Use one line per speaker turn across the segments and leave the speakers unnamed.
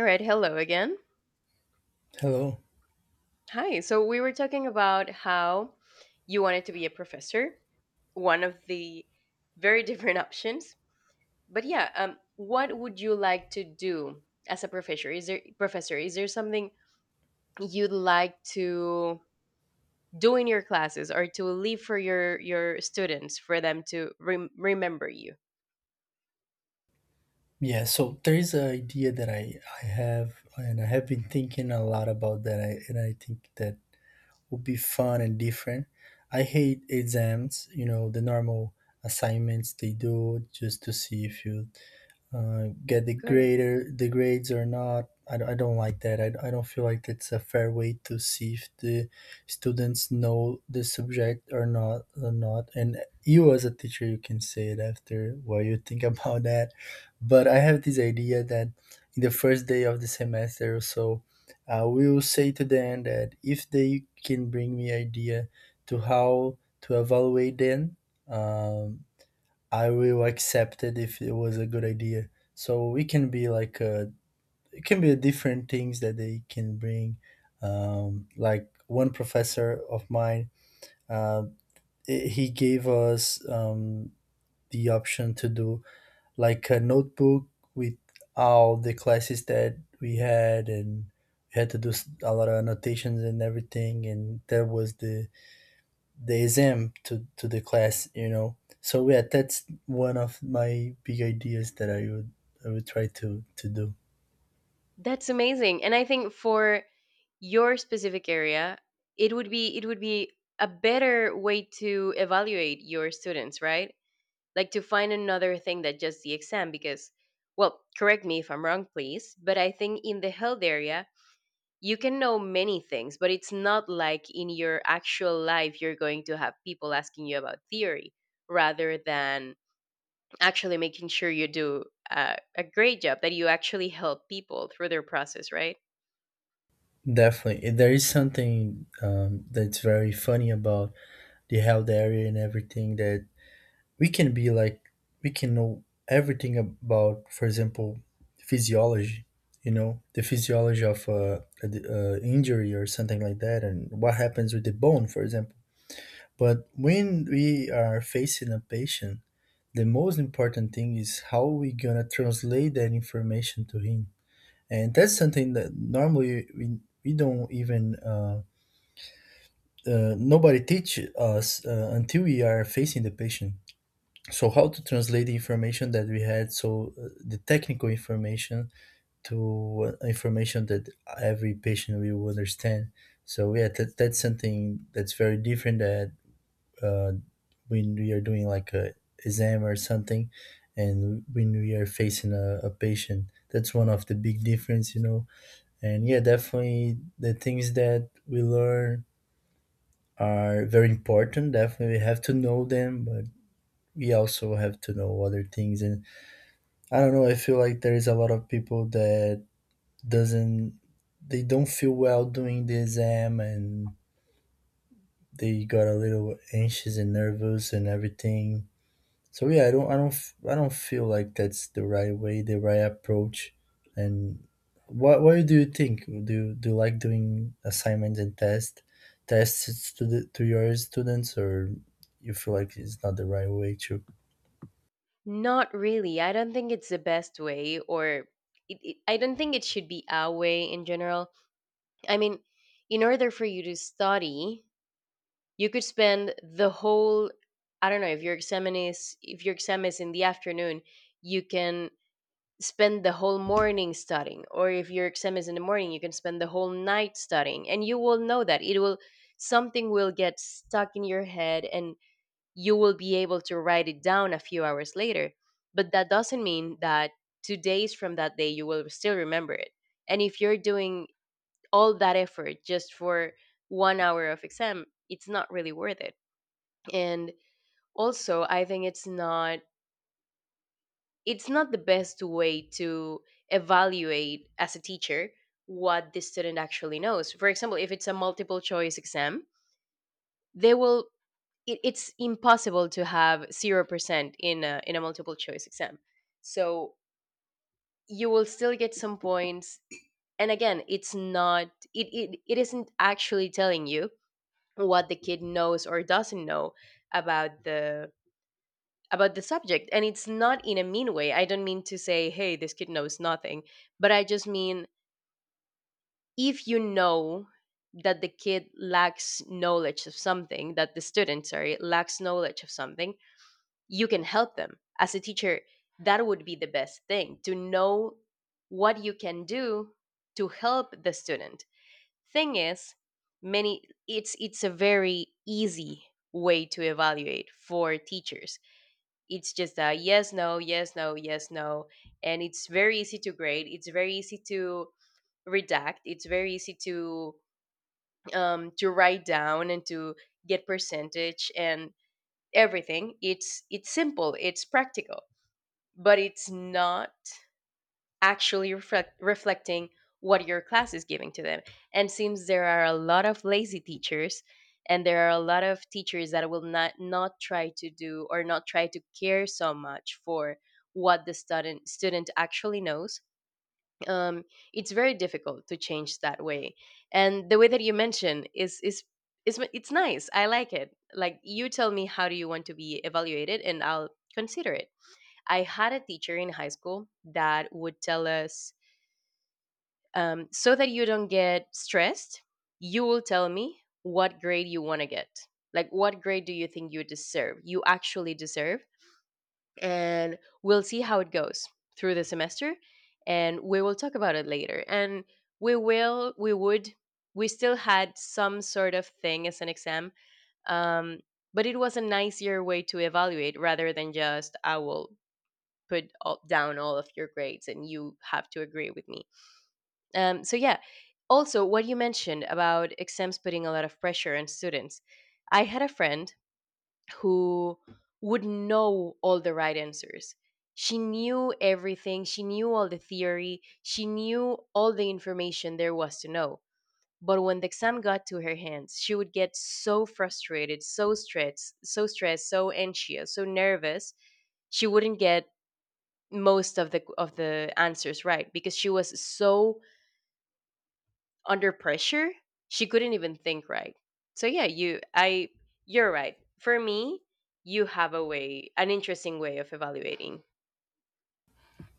All right, hello again.
Hello.
Hi. So we were talking about how you wanted to be a professor, one of the very different options. But what would you like to do as a professor? Is there something you'd like to do in your classes or to leave for your students for them to remember you? Of
Yeah, so there is an idea that I have, and I have been thinking a lot about that, and I think that would be fun and different. I hate exams, you know, the normal assignments they do just to see if you get the
course.
greater the grades or not. I don't like that. I don't feel like that's a fair way to see if the students know the subject or not. And you as a teacher, you can say it after what you think about that. But I have this idea that in the first day of the semester or so, I will say to them that if they can bring me idea to how to evaluate them, um, I will accept it if it was a good idea. So it can be it can be a different things that they can bring. Like one professor of mine, uh, he gave us the option to do like a notebook with all the classes that we had, and we had to do a lot of annotations and everything. And that was the exam to the class, you know. So yeah, that's one of my big ideas that I would try to do.
That's amazing. And I think for your specific area it would be a better way to evaluate your students, right? Like to find another thing that just the exam, because well, correct me if I'm wrong, please, but I think in the health area you can know many things, but it's not like in your actual life you're going to have people asking you about theory rather than actually making sure you do a great job, that you actually help people through their process, right?
Definitely. And there is something that's very funny about the health area and everything, that we can be like we can know everything about, for example, physiology. You know, the physiology of a, d- injury or something like that, and what happens with the bone, for example. But when we are facing a patient, the most important thing is how we gonna translate that information to him. And that's something that normally we don't even nobody teach us until we are facing the patient. So how to translate the information that we had, so the technical information to information that every patient will understand. So yeah, that's something that's very different, that uh, when we are doing like a exam or something, and when we are facing a patient, that's one of the big difference, you know. And yeah, definitely, the things that we learn are very important. Definitely we have to know them, but we also have to know other things. And I don't know, I feel like there is a lot of people that doesn't, they don't feel well doing the exam, and they got a little anxious and nervous and everything. So yeah, I don't feel like that's the right way, the right approach. And what do you think? Do you like doing assignments and tests to to your students, or you feel like it's not the right way to
Not really. I don't think it's the best way, I don't think it should be our way in general. I mean, in order for you to study, you could spend the whole, I don't know, if your exam is in the afternoon, you can spend the whole morning studying, or if your exam is in the morning, you can spend the whole night studying, and you will know that it will something will get stuck in your head and you will be able to write it down a few hours later. But that doesn't mean that 2 days from that day you will still remember it. And if you're doing all that effort just for 1 hour of exam, it's not really worth it. And also, I think it's not the best way to evaluate as a teacher what the student actually knows. For example, if it's a multiple choice exam, they will it's impossible to have 0% in in a multiple choice exam, so you will still get some points. And again, it's not it, it, it isn't actually telling you what the kid knows or doesn't know about the about the subject. And it's not in a mean way. I don't mean to say, hey, this kid knows nothing, but I just mean, if you know that the student, sorry, lacks knowledge of something, you can help them as a teacher. That would be the best thing to know, what you can do to help the student. Thing is, many, it's a very easy way to evaluate for teachers. It's just a yes no, yes no, yes no, and it's very easy to grade, it's very easy to redact, it's very easy to write down and to get percentage and everything. It's simple, it's practical, but it's not actually reflecting what your class is giving to them. And since there are a lot of lazy teachers, and there are a lot of teachers that will not try to do or not try to care so much for what the student actually knows. Um, it's very difficult to change that way. And the way that you mention is, it's nice. I like it. Like, you tell me how do you want to be evaluated, and I'll consider it. I had a teacher in high school that would tell us, so that you don't get stressed, you will tell me what grade you want to get. Like, what grade do you think you deserve? You actually deserve. And we'll see how it goes through the semester. And we will talk about it later. And we would, we still had some sort of thing as an exam. Um, but it was a nicer way to evaluate rather than just, I will put down all of your grades and you have to agree with me. Yeah, also what you mentioned about exams putting a lot of pressure on students. I had a friend who would know all the right answers. She knew everything, she knew all the theory, she knew all the information there was to know. But when the exam got to her hands, she would get so frustrated, so stressed, so anxious, so nervous. She wouldn't get most of the answers right because she was so under pressure she couldn't even think right. So yeah, you're right. For me, you have a way an interesting way of evaluating.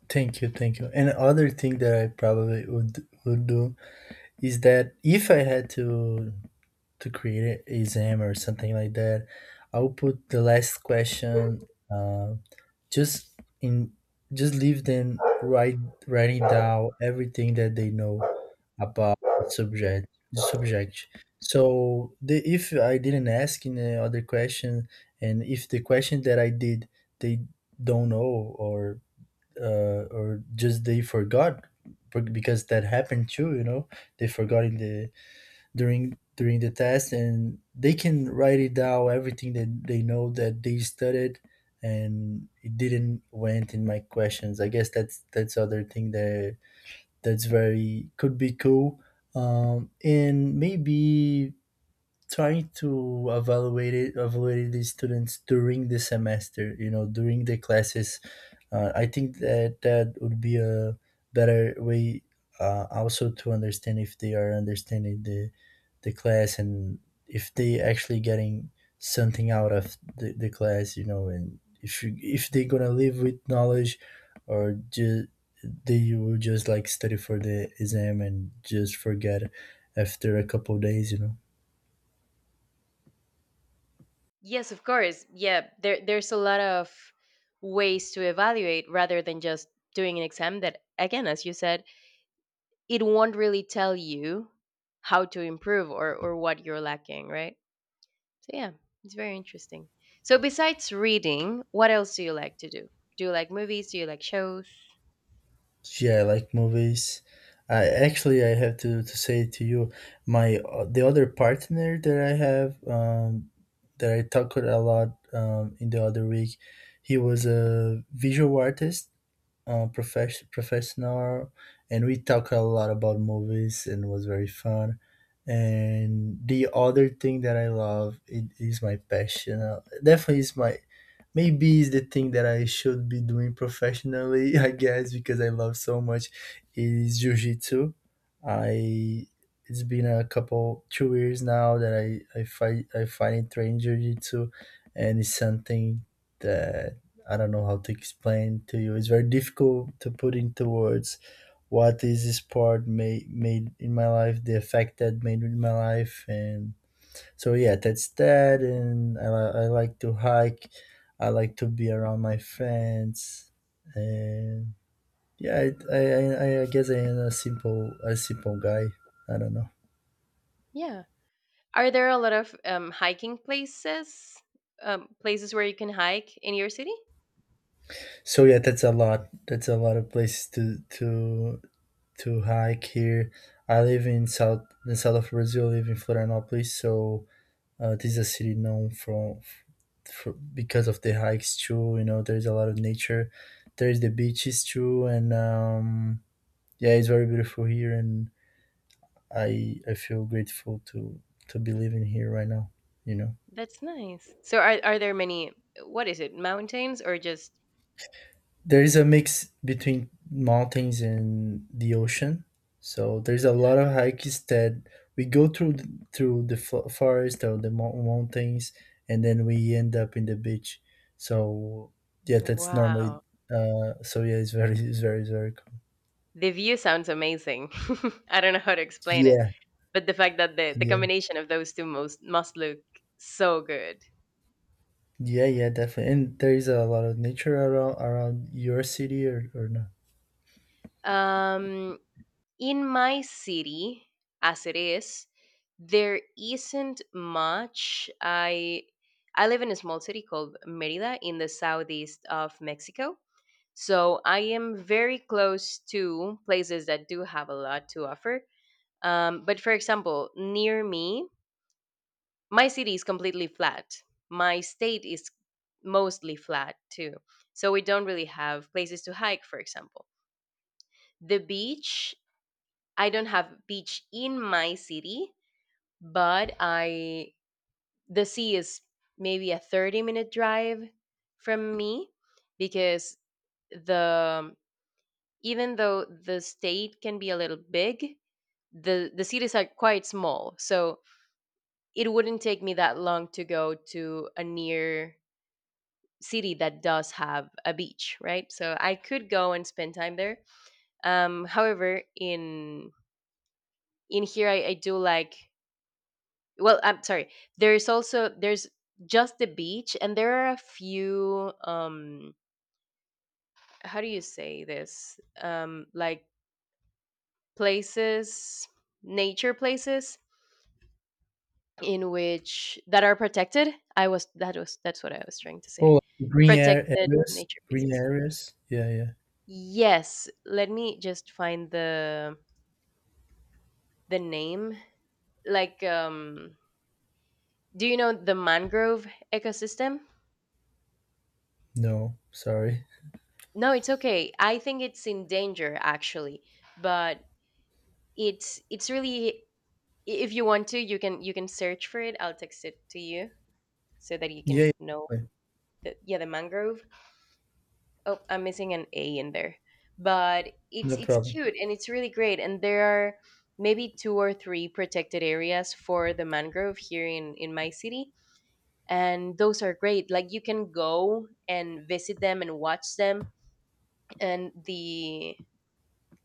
thank you? Thank you. And other thing that I probably would do is that, if I had to create an exam or something like that, I'll put the last question uh, just in, just leave them write writing down everything that they know about the subject. So the, if I didn't ask in the other question, and if the question that I did they don't know, or or just they forgot, because that happened too, you know. They forgot in the during the test, and they can write it down, everything that they know that they studied, and it didn't went in my questions. I guess that's other thing that, that's very, could be cool. And maybe trying to evaluate the students during the semester, you know, during the classes. I think that that would be a better way, also to understand if they are understanding the class, and if they actually getting something out of the class, you know. And if they're gonna live with knowledge, or just they will just like study for the exam and just forget after a couple of days, you know.
Yes, of course. Yeah, there's a lot of ways to evaluate rather than just doing an exam that, again, as you said, it won't really tell you how to improve or what you're lacking, right? So yeah, it's very interesting. So besides reading, what else do you like to do? Do you like movies? Do you like shows?
Yeah, I like movies. I actually I have to say to you, my the other partner that I have, that I talked a lot in the other week, he was a visual artist, professional, and we talk a lot about movies, and was very fun. And the other thing that I love it is my passion. Definitely is my, maybe it's the thing that I should be doing professionally, I guess, because I love so much, is jiu-jitsu. I It's been a couple 2 years now that I finally trained jiu-jitsu, and it's something that I don't know how to explain to you. It's very difficult to put into words what is this sport made in my life, the effect that made in my life. And so yeah, that's that. And I like to hike. I like to be around my friends, and yeah, I guess I am a simple guy. I don't know.
Yeah. Are there a lot of hiking places? Places where you can hike in your city?
So yeah, that's a lot. That's a lot of places to to hike here. I live in south the south of Brazil. I live in Florianópolis. So this is a city known from, for, because of the hikes too. You know, there's a lot of nature. There's the beaches too, and yeah, it's very beautiful here. And I feel grateful to be living here right now, you know.
That's nice. So are there many? What is it? Mountains or just?
There is a mix between mountains and the ocean, so there's a lot of hikes that we go through through the forest or the mountains, and then we end up in the beach. So yeah, that's normally
Wow.
So yeah, it's very, very cool.
The view sounds amazing. I don't know how to explain it,
Yeah,
but the fact that the
yeah.
combination of those two most must look so good.
Yeah, yeah, definitely. And there is a lot of nature around your city, or not?
Um, in my city, as it is, there isn't much. I live in a small city called Merida in the southeast of Mexico, so I am very close to places that do have a lot to offer. But for example, near me, my city is completely flat. My state is mostly flat too, so we don't really have places to hike, for example. The beach, I don't have beach in my city, but I the sea is maybe a 30-minute drive from me, because the even though the state can be a little big, the cities are quite small, so it wouldn't take me that long to go to a near city that does have a beach, right? So I could go and spend time there. However in here, I do like, well, I'm sorry, there's also there's just the beach, and there are a few, how do you say this, like places, nature places in which that are protected. I was that was That's what I was trying to say,
Oh, green air
protected
areas,
nature
green
places.
areas. Yeah, yeah.
Yes, let me just find the name. Like, do you know the mangrove ecosystem?
No, sorry.
No, it's okay. I think it's in danger actually, but it's really, if you want to, you can search for it. I'll text it to you so that you can
Yeah, yeah,
know
definitely.
the, yeah, the mangrove. Oh, I'm missing an A in there, but it's
No
it's
problem.
cute and it's really great. And there are maybe two or three protected areas for the mangrove here in my city, and those are great. Like, you can go and visit them and watch them, and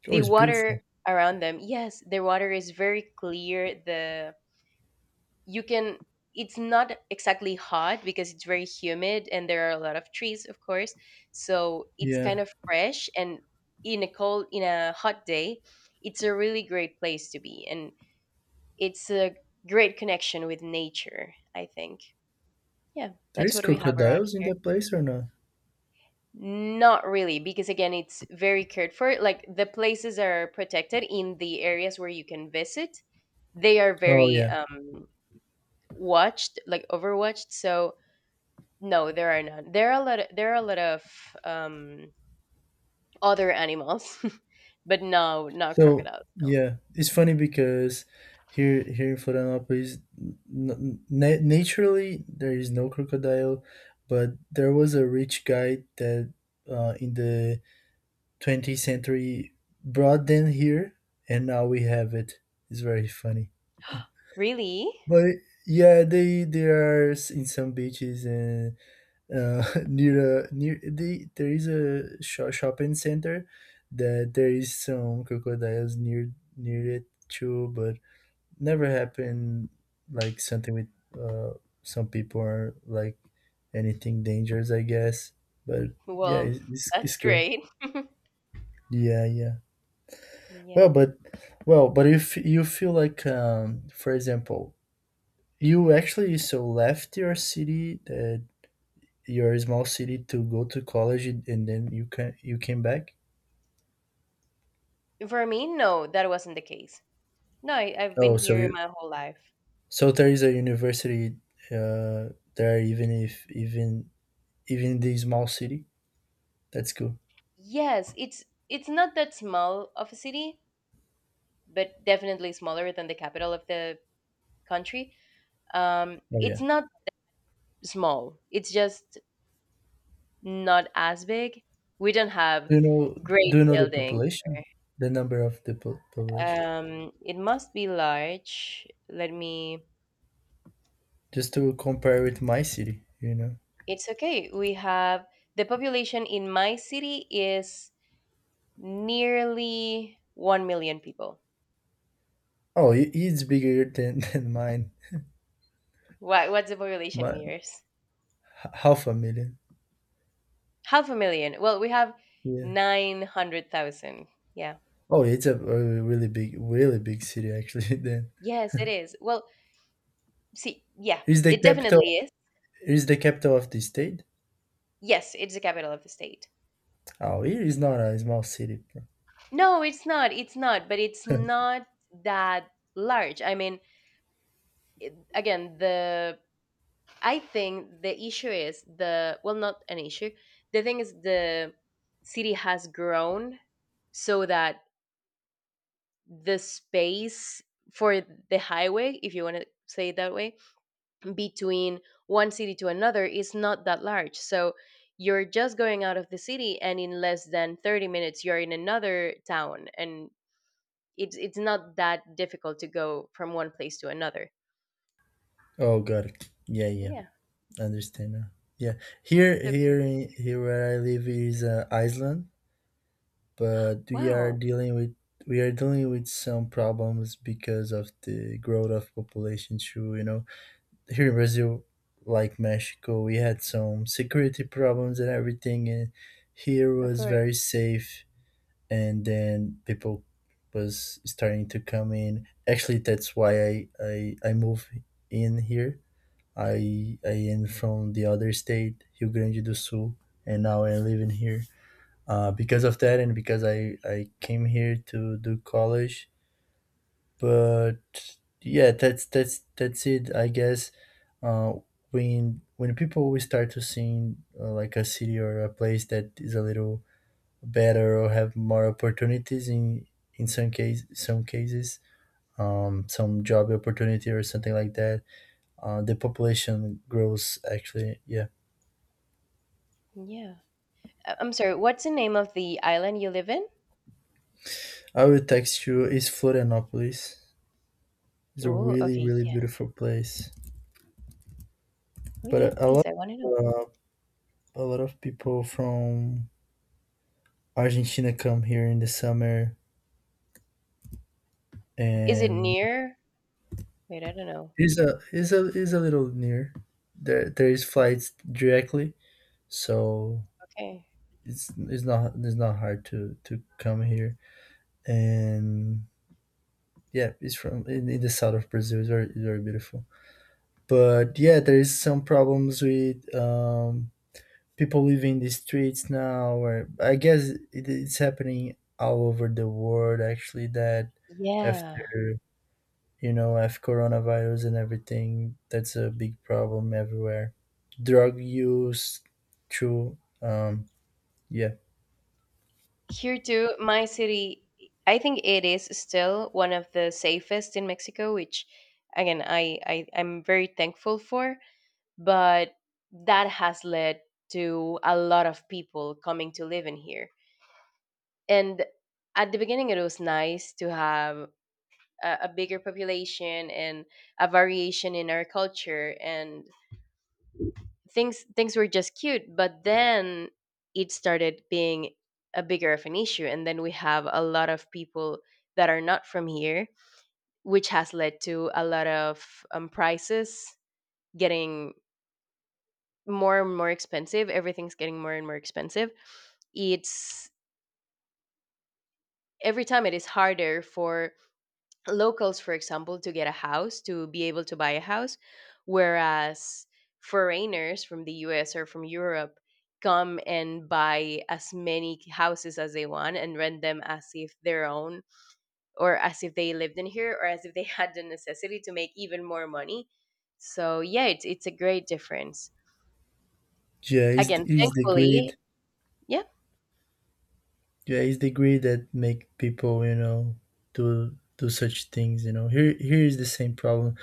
Oh,
the
it's beautiful.
water around them. Yes, the water is very clear. The you can It's not exactly hot because it's very humid and there are a lot of trees, of course, so it's
Yeah,
kind of fresh. And in a hot day, it's a really great place to be, and it's a great connection with nature, I think. Yeah,
there
that's
is
what we have around
crocodiles in
here.
that place or not?
Not really, because again, it's very cared for. Like, the places are protected, in the areas where you can visit, they are
Oh,
very
yeah.
watched, like overwatched. So no, there are none. There are a lot of um other animals, but no, not
So
crocodiles. No.
yeah, it's funny because here in Florianópolis, naturally there is no crocodile, but there was a rich guy that in the 20th century brought them here, and now we have it. It's very funny.
Really?
But yeah, they are in some beaches, and near near the, there is a shopping center that there is some crocodiles near it too, but never happened like something with uh, some people, or like anything dangerous, I guess. But yeah,
Well, that's
it's cool.
great.
Yeah, yeah. Well,
Yeah.
but well, but if you feel like for example. You actually so left your city, your small city, to go to college, and then you came back.
For me, no, that wasn't the case. No, I've been
Oh, so
here
you,
my whole life.
so there is a university uh, there, even if even even the small city. That's cool.
Yes, it's not that small of a city, but definitely smaller than the capital of the country.
Oh yeah.
It's not small. It's just not as big. We don't have
Do you know
great
do you know the
buildings.
population, the number of the population,
It must be large. Let me.
just to compare with my city? You know.
It's okay. We have, the population in my city is nearly 1 million people.
Oh, it- it's bigger than than mine.
What what's the population
My
in
h-
yours?
Half a million.
Half a million. Well, we have
Yeah.
900,000. Yeah.
Oh, it's a really big, really big city actually. Then
Yes, it is. Well, see, yeah,
is the
it
capital
definitely is.
is the capital of the state?
Yes, it's the capital of the state.
Oh, here is not a small city, bro.
No, it's not. It's not, but it's not that large. I mean, again, the I think the issue is the well, not an issue. The thing is, the city has grown so that the space for the highway, if you want to say it that way, between one city to another is not that large. So you're just going out of the city and in less than 30 minutes you're in another town, and it's not that difficult to go from one place to another.
Oh, got it. Yeah, yeah,
Yeah,
understand now. Yeah,
of course.
here where I live is Iceland, but
Wow,
we are dealing with some problems because of the growth of population, too, you know. Here in Brazil, like Mexico, we had some security problems and everything, and here
of
was
course.
very safe, and then people was starting to come in. Actually, that's why I moved in here. I am from the other state, Rio Grande do Sul, and now I live in here. Because of that, and because I came here to do college. But yeah, that's it, I guess. uh, when people will start to see like a city or a place that is a little better, or have more opportunities in some case some cases, some job opportunity or something like that, the population grows actually. Yeah,
Yeah. I'm sorry. What's the name of the island you live in?
I will text you. It's Florianopolis. It's a
Oh,
really
okay.
really
Yeah.
beautiful place.
Oh, yeah.
But a
Please,
lot,
I want to know.
uh, a lot of people from Argentina come here in the summer,
Is it
and
near? Wait, I don't know.
is a little near. There is flights directly, so
Okay.
it's not hard to come here and yeah, it's from in the south of Brazil. It's very beautiful, but yeah, there is some problems with people living in the streets now, or I guess it's happening all over the world actually. That
Yeah.
after after coronavirus and everything, that's a big problem everywhere. Drug use true. Yeah
Here too, my city. I think it is still one of the safest in Mexico, which, again, I'm very thankful for. But that has led to a lot of people coming to live in here and at the beginning it was nice to have a bigger population and a variation in our culture and things were just cute but then it started being a bigger of an issue and then we have a lot of people that are not from here which has led to a lot of prices getting more and more expensive. Everything's getting more and more expensive. It's every time it is harder for locals, for example, to get a house, to be able to buy a house, whereas foreigners from the US or from Europe come and buy as many houses as they want and rent them as if their own or as if they lived in here or as if they had the necessity to make even more money. So yeah, it's a great difference.
yeah is
Again,
is the
thankfully,
grid.
yeah,
Yeah, it's the greed that make people, do such things. You know, here is the same problem.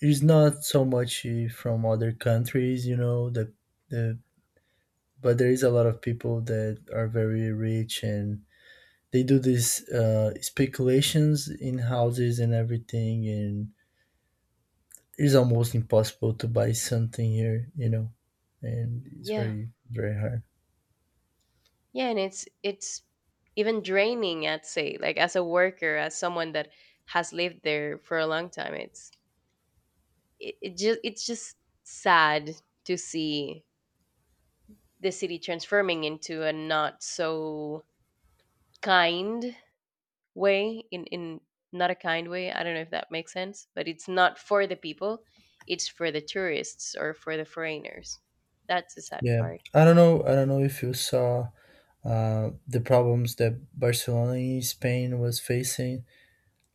It's not so much from other countries, you know, the but there is a lot of people that are very rich, and they do these speculations in houses and everything, and it's almost impossible to buy something here, you know, and it's
yeah.
very hard.
Yeah, and it's even draining. I'd say, like as a worker, as someone that has lived there for a long time, it's it's just sad to see the city transforming into a not so kind way in not a kind way. I don't know if that makes sense, but it's not for the people. It's for the tourists or for the foreigners. That's the sad
Yeah,
part.
I don't know. I don't know if you saw the problems that Barcelona, Spain was facing.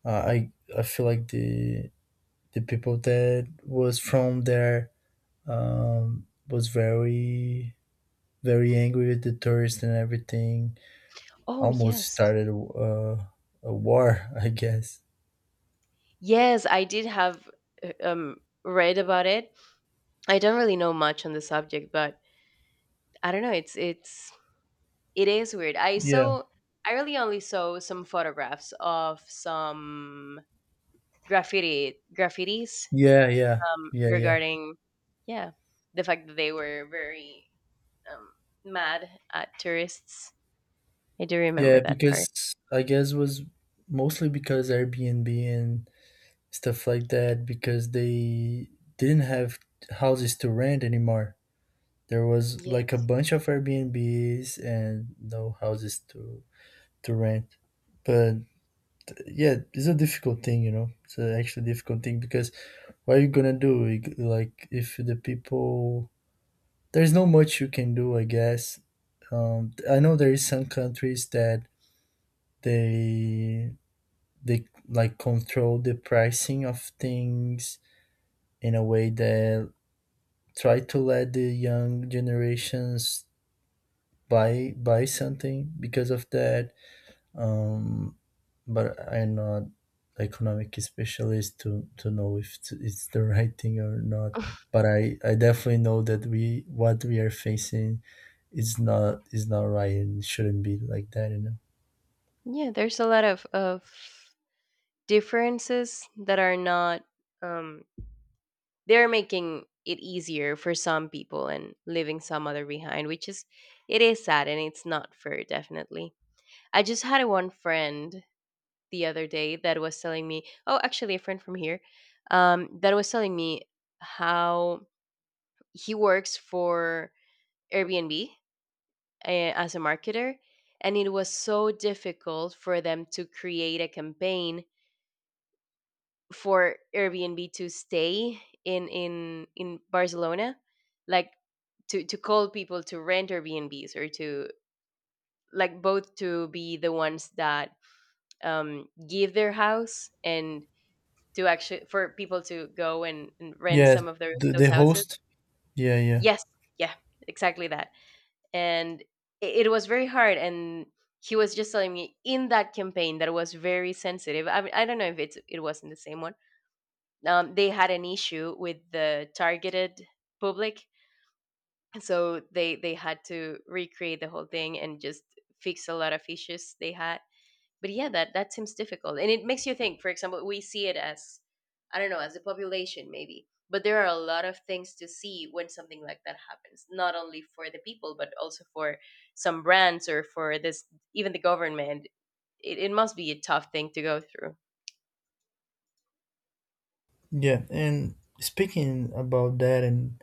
I feel like the people that was from there was very angry with the tourists and everything.
Oh
Almost
yes,
started a war, I guess.
yes, I did have uh, um read about it. I don't really know much on the subject, but I don't know. It is weird. I
Yeah,
saw I really only saw some photographs of some graffitis
yeah, yeah, yeah, yeah,
regarding yeah the fact that they were very um, mad at tourists. I do
yeah.
remember that part.
Because I guess was mostly because Airbnb and stuff like that, because they didn't have houses to rent anymore. There was like a
Yes.
bunch of Airbnbs and no houses to rent. But yeah, it's a difficult thing, you know. It's a actually difficult thing. Because what are you gonna do? Like if the people, there's no much you can do, I guess. I know there is some countries that they they like control the pricing of things in a way that try to let the young generations buy something because of that, um, but I'm not economic specialist to know if it's the right thing or not. But I definitely know that we what we are facing is not right and shouldn't be like that, you know.
Yeah, there's a lot of differences that are not um they're making it easier for some people and leaving some other behind, which is it is sad and it's not fair, definitely. I just had one friend the other day that was telling me, oh, actually a friend from here, that was telling me how he works for Airbnb, as a marketer, and it was so difficult for them to create a campaign for Airbnb to stay in Barcelona, like to call people to rent Airbnbs or to like both to be the ones that give their house and to actually for people to go and rent
Yeah,
some of their those
the
houses.
host. Yeah, yeah,
Yes, yeah, exactly that. And it was very hard and. He was just telling me in that campaign that was very sensitive. I mean, I don't know if it's it wasn't the same one. They had an issue with the targeted public, so they had to recreate the whole thing and just fix a lot of issues they had. But yeah, that that seems difficult, and it makes you think. For example, we see it as I don't know, as a population maybe, but there are a lot of things to see when something like that happens, not only for the people but also for some brands or for this, even the government. It must be a tough thing to go through.
yeah. And speaking about that and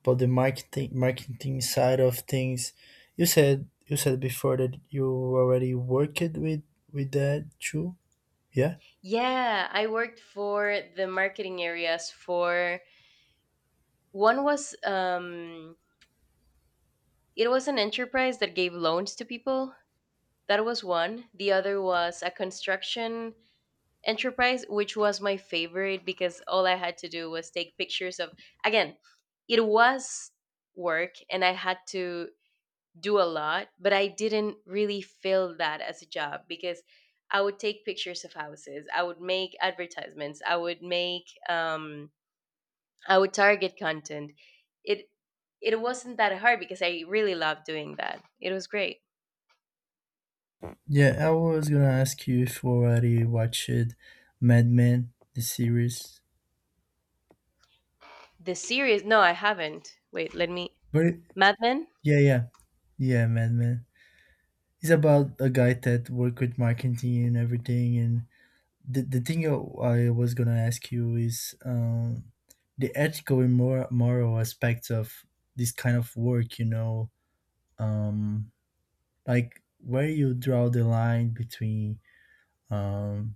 about the marketing side of things, you said before that you already worked with that too. Yeah.
Yeah, I worked for the marketing areas for one was it was an enterprise that gave loans to people. That was one. The other was a construction enterprise, which was my favorite because all I had to do was take pictures of, again, it was work and I had to do a lot, but I didn't really feel that as a job because I would take pictures of houses. I would make advertisements. I would make I would target content. It it wasn't that hard because I really loved doing that. It was great.
Yeah, I was gonna ask you if you already watched Mad Men, the series.
The series? No, I haven't. Wait, let me.
But it-
Mad Men.
yeah, yeah, yeah, Mad Men. It's about a guy that worked with marketing and everything. And the thing I was gonna ask you is the ethical and moral, moral aspects of this kind of work. You know, um, like where you draw the line between um,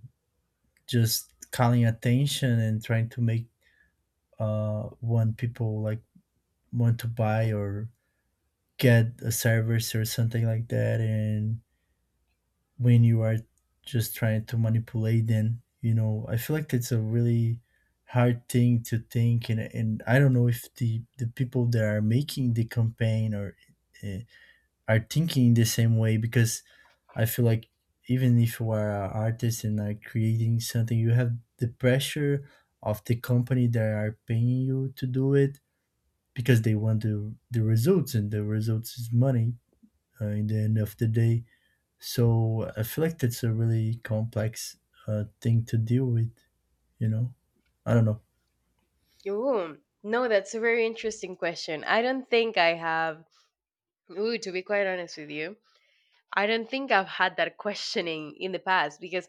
just calling attention and trying to make want people like want to buy or get a service or something like that, and when you are just trying to manipulate them, you know. I feel like it's a really hard thing to think, and I don't know if the the people that are making the campaign or uh, are thinking the same way. Because I feel like even if you are an artist and are creating something, you have the pressure of the company that are paying you to do it, because they want the results, and the results is money in the end of the day. So I feel like that's a really complex thing to deal with. You know, I don't know.
Ooh, no, that's a very interesting question. I don't think I have. Ooh, to be quite honest with you, I don't think I've had that questioning in the past because,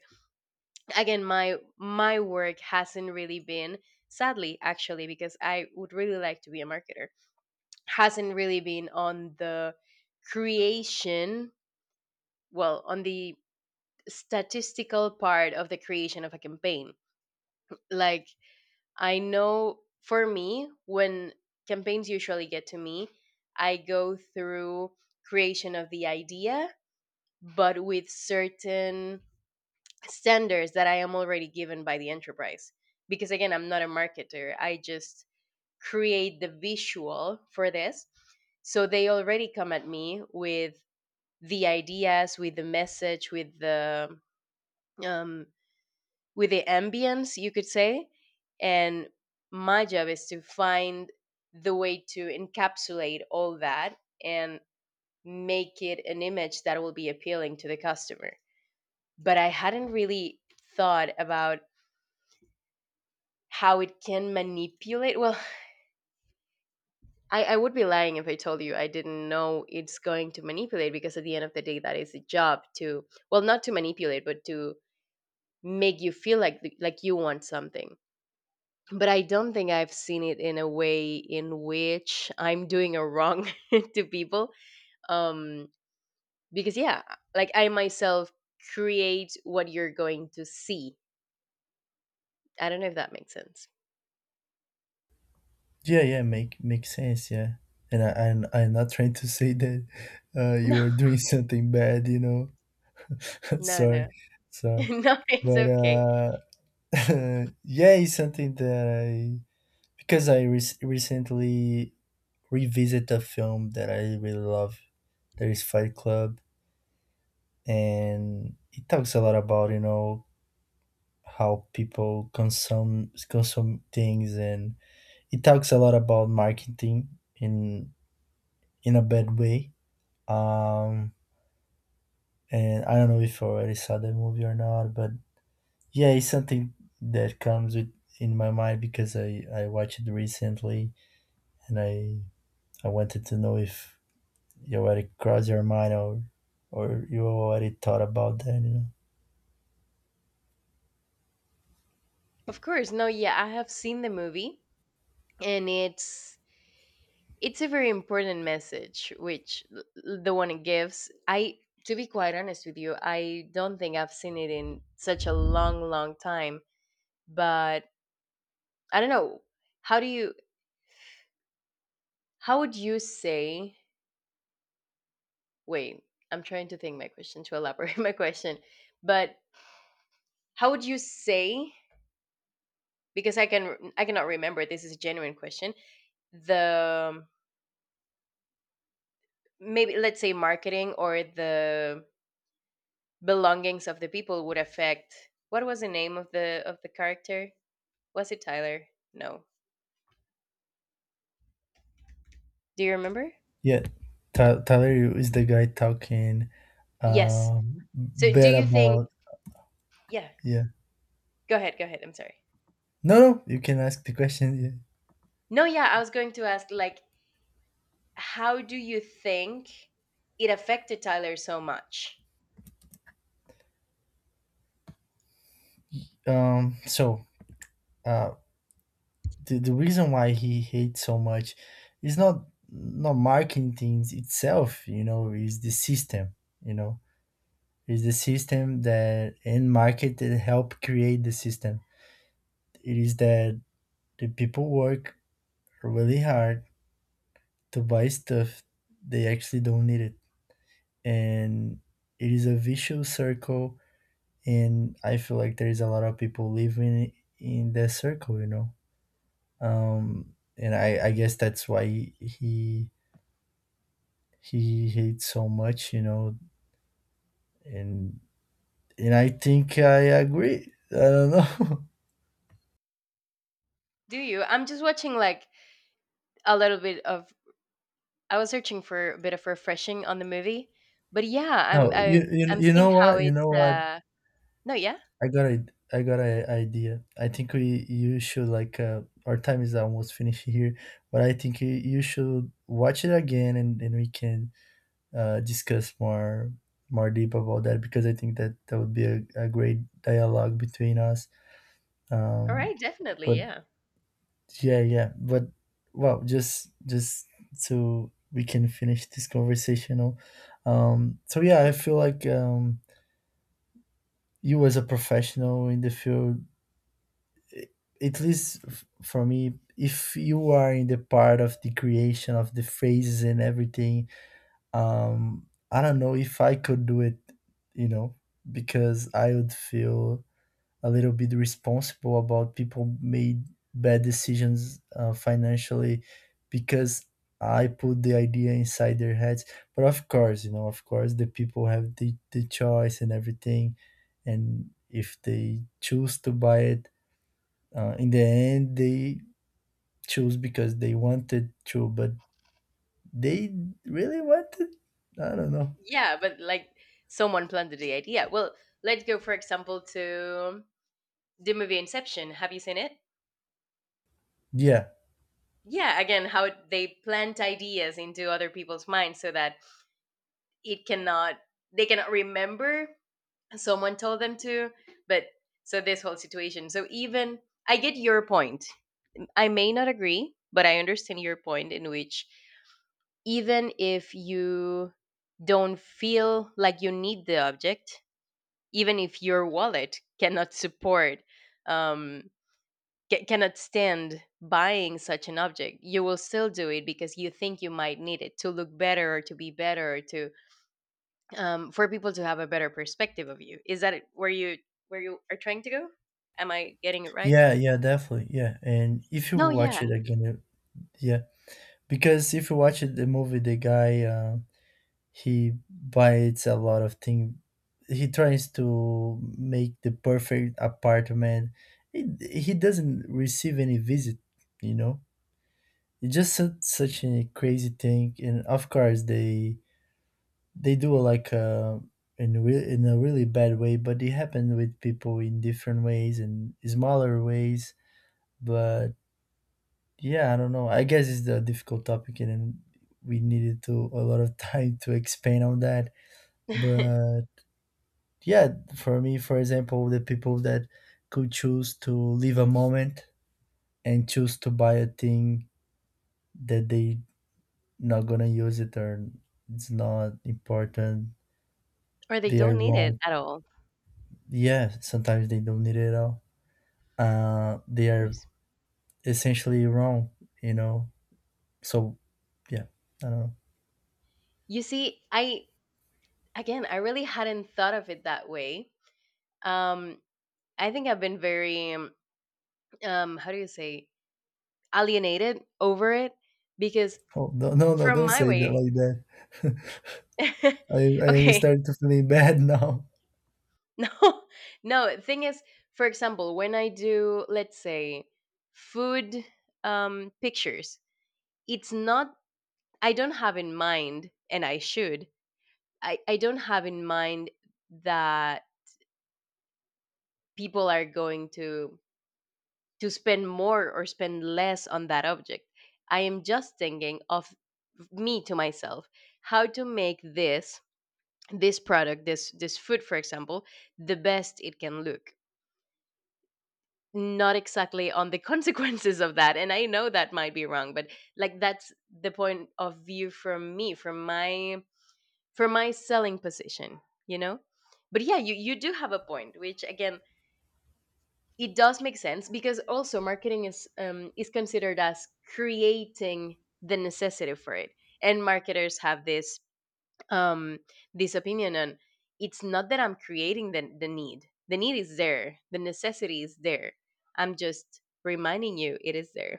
again, my work hasn't really been. Sadly, actually, because I would really like to be a marketer, hasn't really been on the creation, well, on the statistical part of the creation of a campaign. Like, I know for me, when campaigns usually get to me, I go through creation of the idea but with certain standards that I am already given by the enterprise because, again, I'm not a marketer. I just create the visual for this. So they already come at me with the ideas, with the message, um, with the ambience, you could say, and my job is to find the way to encapsulate all that and make it an image that will be appealing to the customer. But I hadn't really thought about how it can manipulate, well I would be lying if I told you I didn't know it's going to manipulate because at the end of the day that is the job to, well, not to manipulate but to make you feel like you want something, but I don't think I've seen it in a way in which I'm doing a wrong to people. Um, because yeah, like I myself create what you're going to see. I don't know if that makes sense.
Yeah, yeah, make makes sense. Yeah, and I'm not trying to say that you are doing something bad. You know,
No,
sorry,
no, no,
sorry.
no. It's
But
okay.
yeah, it's something that I, because I recently revisit a film that I really love. There is Fight Club, and it talks a lot about, you know, how people consume things, and it talks a lot about marketing in in a bad way. Um, and I don't know if you already saw that movie or not, but yeah, it's something that comes with in my mind, because I watched it recently, and I wanted to know if you already crossed your mind or you already thought about that, you know.
Of course, no. Yeah, I have seen the movie, and it's a very important message, which l- l- the one it gives. I, to be quite honest with you, I don't think I've seen it in such a long, long time, but I don't know. How do you how would you say, wait, I'm trying to think my question to elaborate my question. But how would you say, because I can I cannot remember, this is a genuine question. The maybe let's say marketing or the belongings of the people would affect, what was the name of the character? Was it Tyler? No. Do you remember?
Yeah, Ta Talerio is the guy talking
Yes. So do
bad
you think,
about
yeah,
yeah.
go ahead, go ahead. I'm sorry.
No, no, you can ask the question. Yeah.
No, yeah, I was going to ask like, how do you think it affected Tyler so much?
So uh, the reason why he hates so much is not marketing things itself. You know, is the system. You know, is the system that in market that help create the system. It is that the people work really hard to buy stuff they actually don't need it. And it is a vicious circle, and I feel like there is a lot of people living in that circle, you know. And I guess that's why he he hates so much, you know. and and I think I agree, I don't know.
Do you? I'm just watching like a little bit of. I was searching for a bit of refreshing on the movie, but yeah, I'm
No,
I,
you, you
I'm
you
seeing
know
how
what, you know
it's.
what,
No, yeah,
I got an idea. I think we you should like, our time is almost finished here, but I think you, you should watch it again, and we can discuss more deep about that, because I think that that would be a great dialogue between us.
all
Um,
right, definitely,
but
yeah,
yeah, yeah, but well, just so we can finish this conversational. So yeah, I
Hmm.
feel like you as a professional in the field, i- at least for me, if you are in the part of the creation of the phrases and everything, um I don't know if I could do it, you know, because I would feel a little bit responsible about people made bad decisions financially, because I put the idea inside their heads. But of course, you know, of course the people have the choice and everything, and if they choose to buy it, in the end they choose because they wanted to. But they really wanted, I don't know.
Yeah, but like, someone planted the idea. Well, let's go, for example, to the movie Inception. Have you seen it?
Yeah.
Yeah, again, how it- they plant ideas into other people's minds so that it cannot they cannot remember someone told them to but so this whole situation so even I get your point, I may not agree but I understand your point in which, even if you don't feel like you need the object, even if your wallet cannot support um ca- cannot stand buying such an object, you will still do it because you think you might need it to look better or to be better or to for people to have a better perspective of you. Is that where you are trying to go? Am I getting it right?
Yeah, yeah, definitely. Yeah. And if you
No,
watch
yeah.
it again, yeah, because if you watch it, the movie, the guy, he buys a lot of things. He tries to make the perfect apartment. He, he doesn't receive any visit, you know? It's just such, such a crazy thing. And of course, they do like in, in a really bad way, but it happened with people in different ways and smaller ways. But yeah, I don't know. I guess it's the difficult topic, and then we needed to a lot of time to expand on that. But yeah, for me, for example, the people that could choose to live a moment and choose to buy a thing that they not gonna use it or it's not important,
Or they
they are
don't need it
wrong.
at all.
Yeah, sometimes they don't need it at all. They are
Yes.
essentially wrong, you know. So yeah, I don't know.
You see, I, again, I really hadn't thought of it that way. Um, I think I've been very How do you say, alienated over it because
Oh, no, no, no!
from
Don't
my
say that
way,
like that. I
okay,
started to feel bad now.
no, no. Thing is, for example, when I do, let's say, food pictures, it's not I don't have in mind and I should I don't have in mind that people are going to spend more or spend less on that object. I am just thinking of me to myself how to make this this product, this food, for example, the best it can look, not exactly on the consequences of that, and I know that might be wrong, but like, that's the point of view from me, from my for my selling position, you know. But yeah, you do have a point, which, again, it does make sense because also marketing is considered as creating the necessity for it, and marketers have this um this opinion on, it's not that I'm creating the need, the need is there, the necessity is there, I'm just reminding you it is there.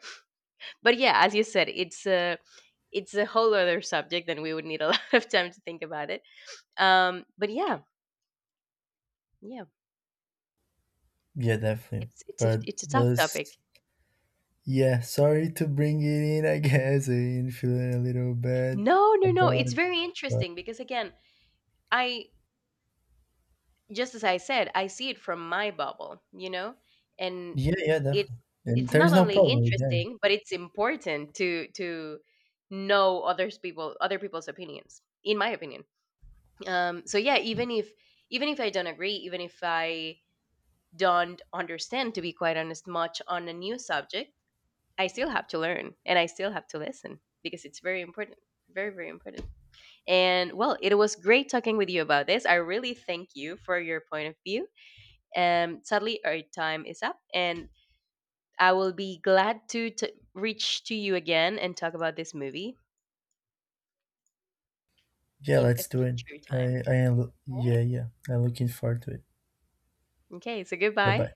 But yeah, as you said, it's a whole other subject and we would need a lot of time to think about it. But yeah, yeah.
Yeah, definitely.
It's it's a
But
it's a tough
was
topic.
yeah, sorry to bring it in, I guess. I'm feeling a little bad
No, no, no.
about
It's
it.
very interesting because, again, I just as I said, I see it from my bubble, you know, and
Yeah, yeah,
it's
definitely. And
it's
there
not
is no
only
problem with that.
interesting, but it's important to know others people other people's opinions, in my opinion. So yeah, even if I don't agree, even if I don't understand, to be quite honest, much on a new subject, I still have to learn and I still have to listen because it's very important, very very important. And well, it was great talking with you about this. I really thank you for your point of view. Sadly, our time is up, and I will be glad to t- reach to you again and talk about this movie
Yeah,
in a
let's do it.
future time. All right.
Yeah, yeah. I'm looking forward to it.
Okay, so
Bye
goodbye.
bye.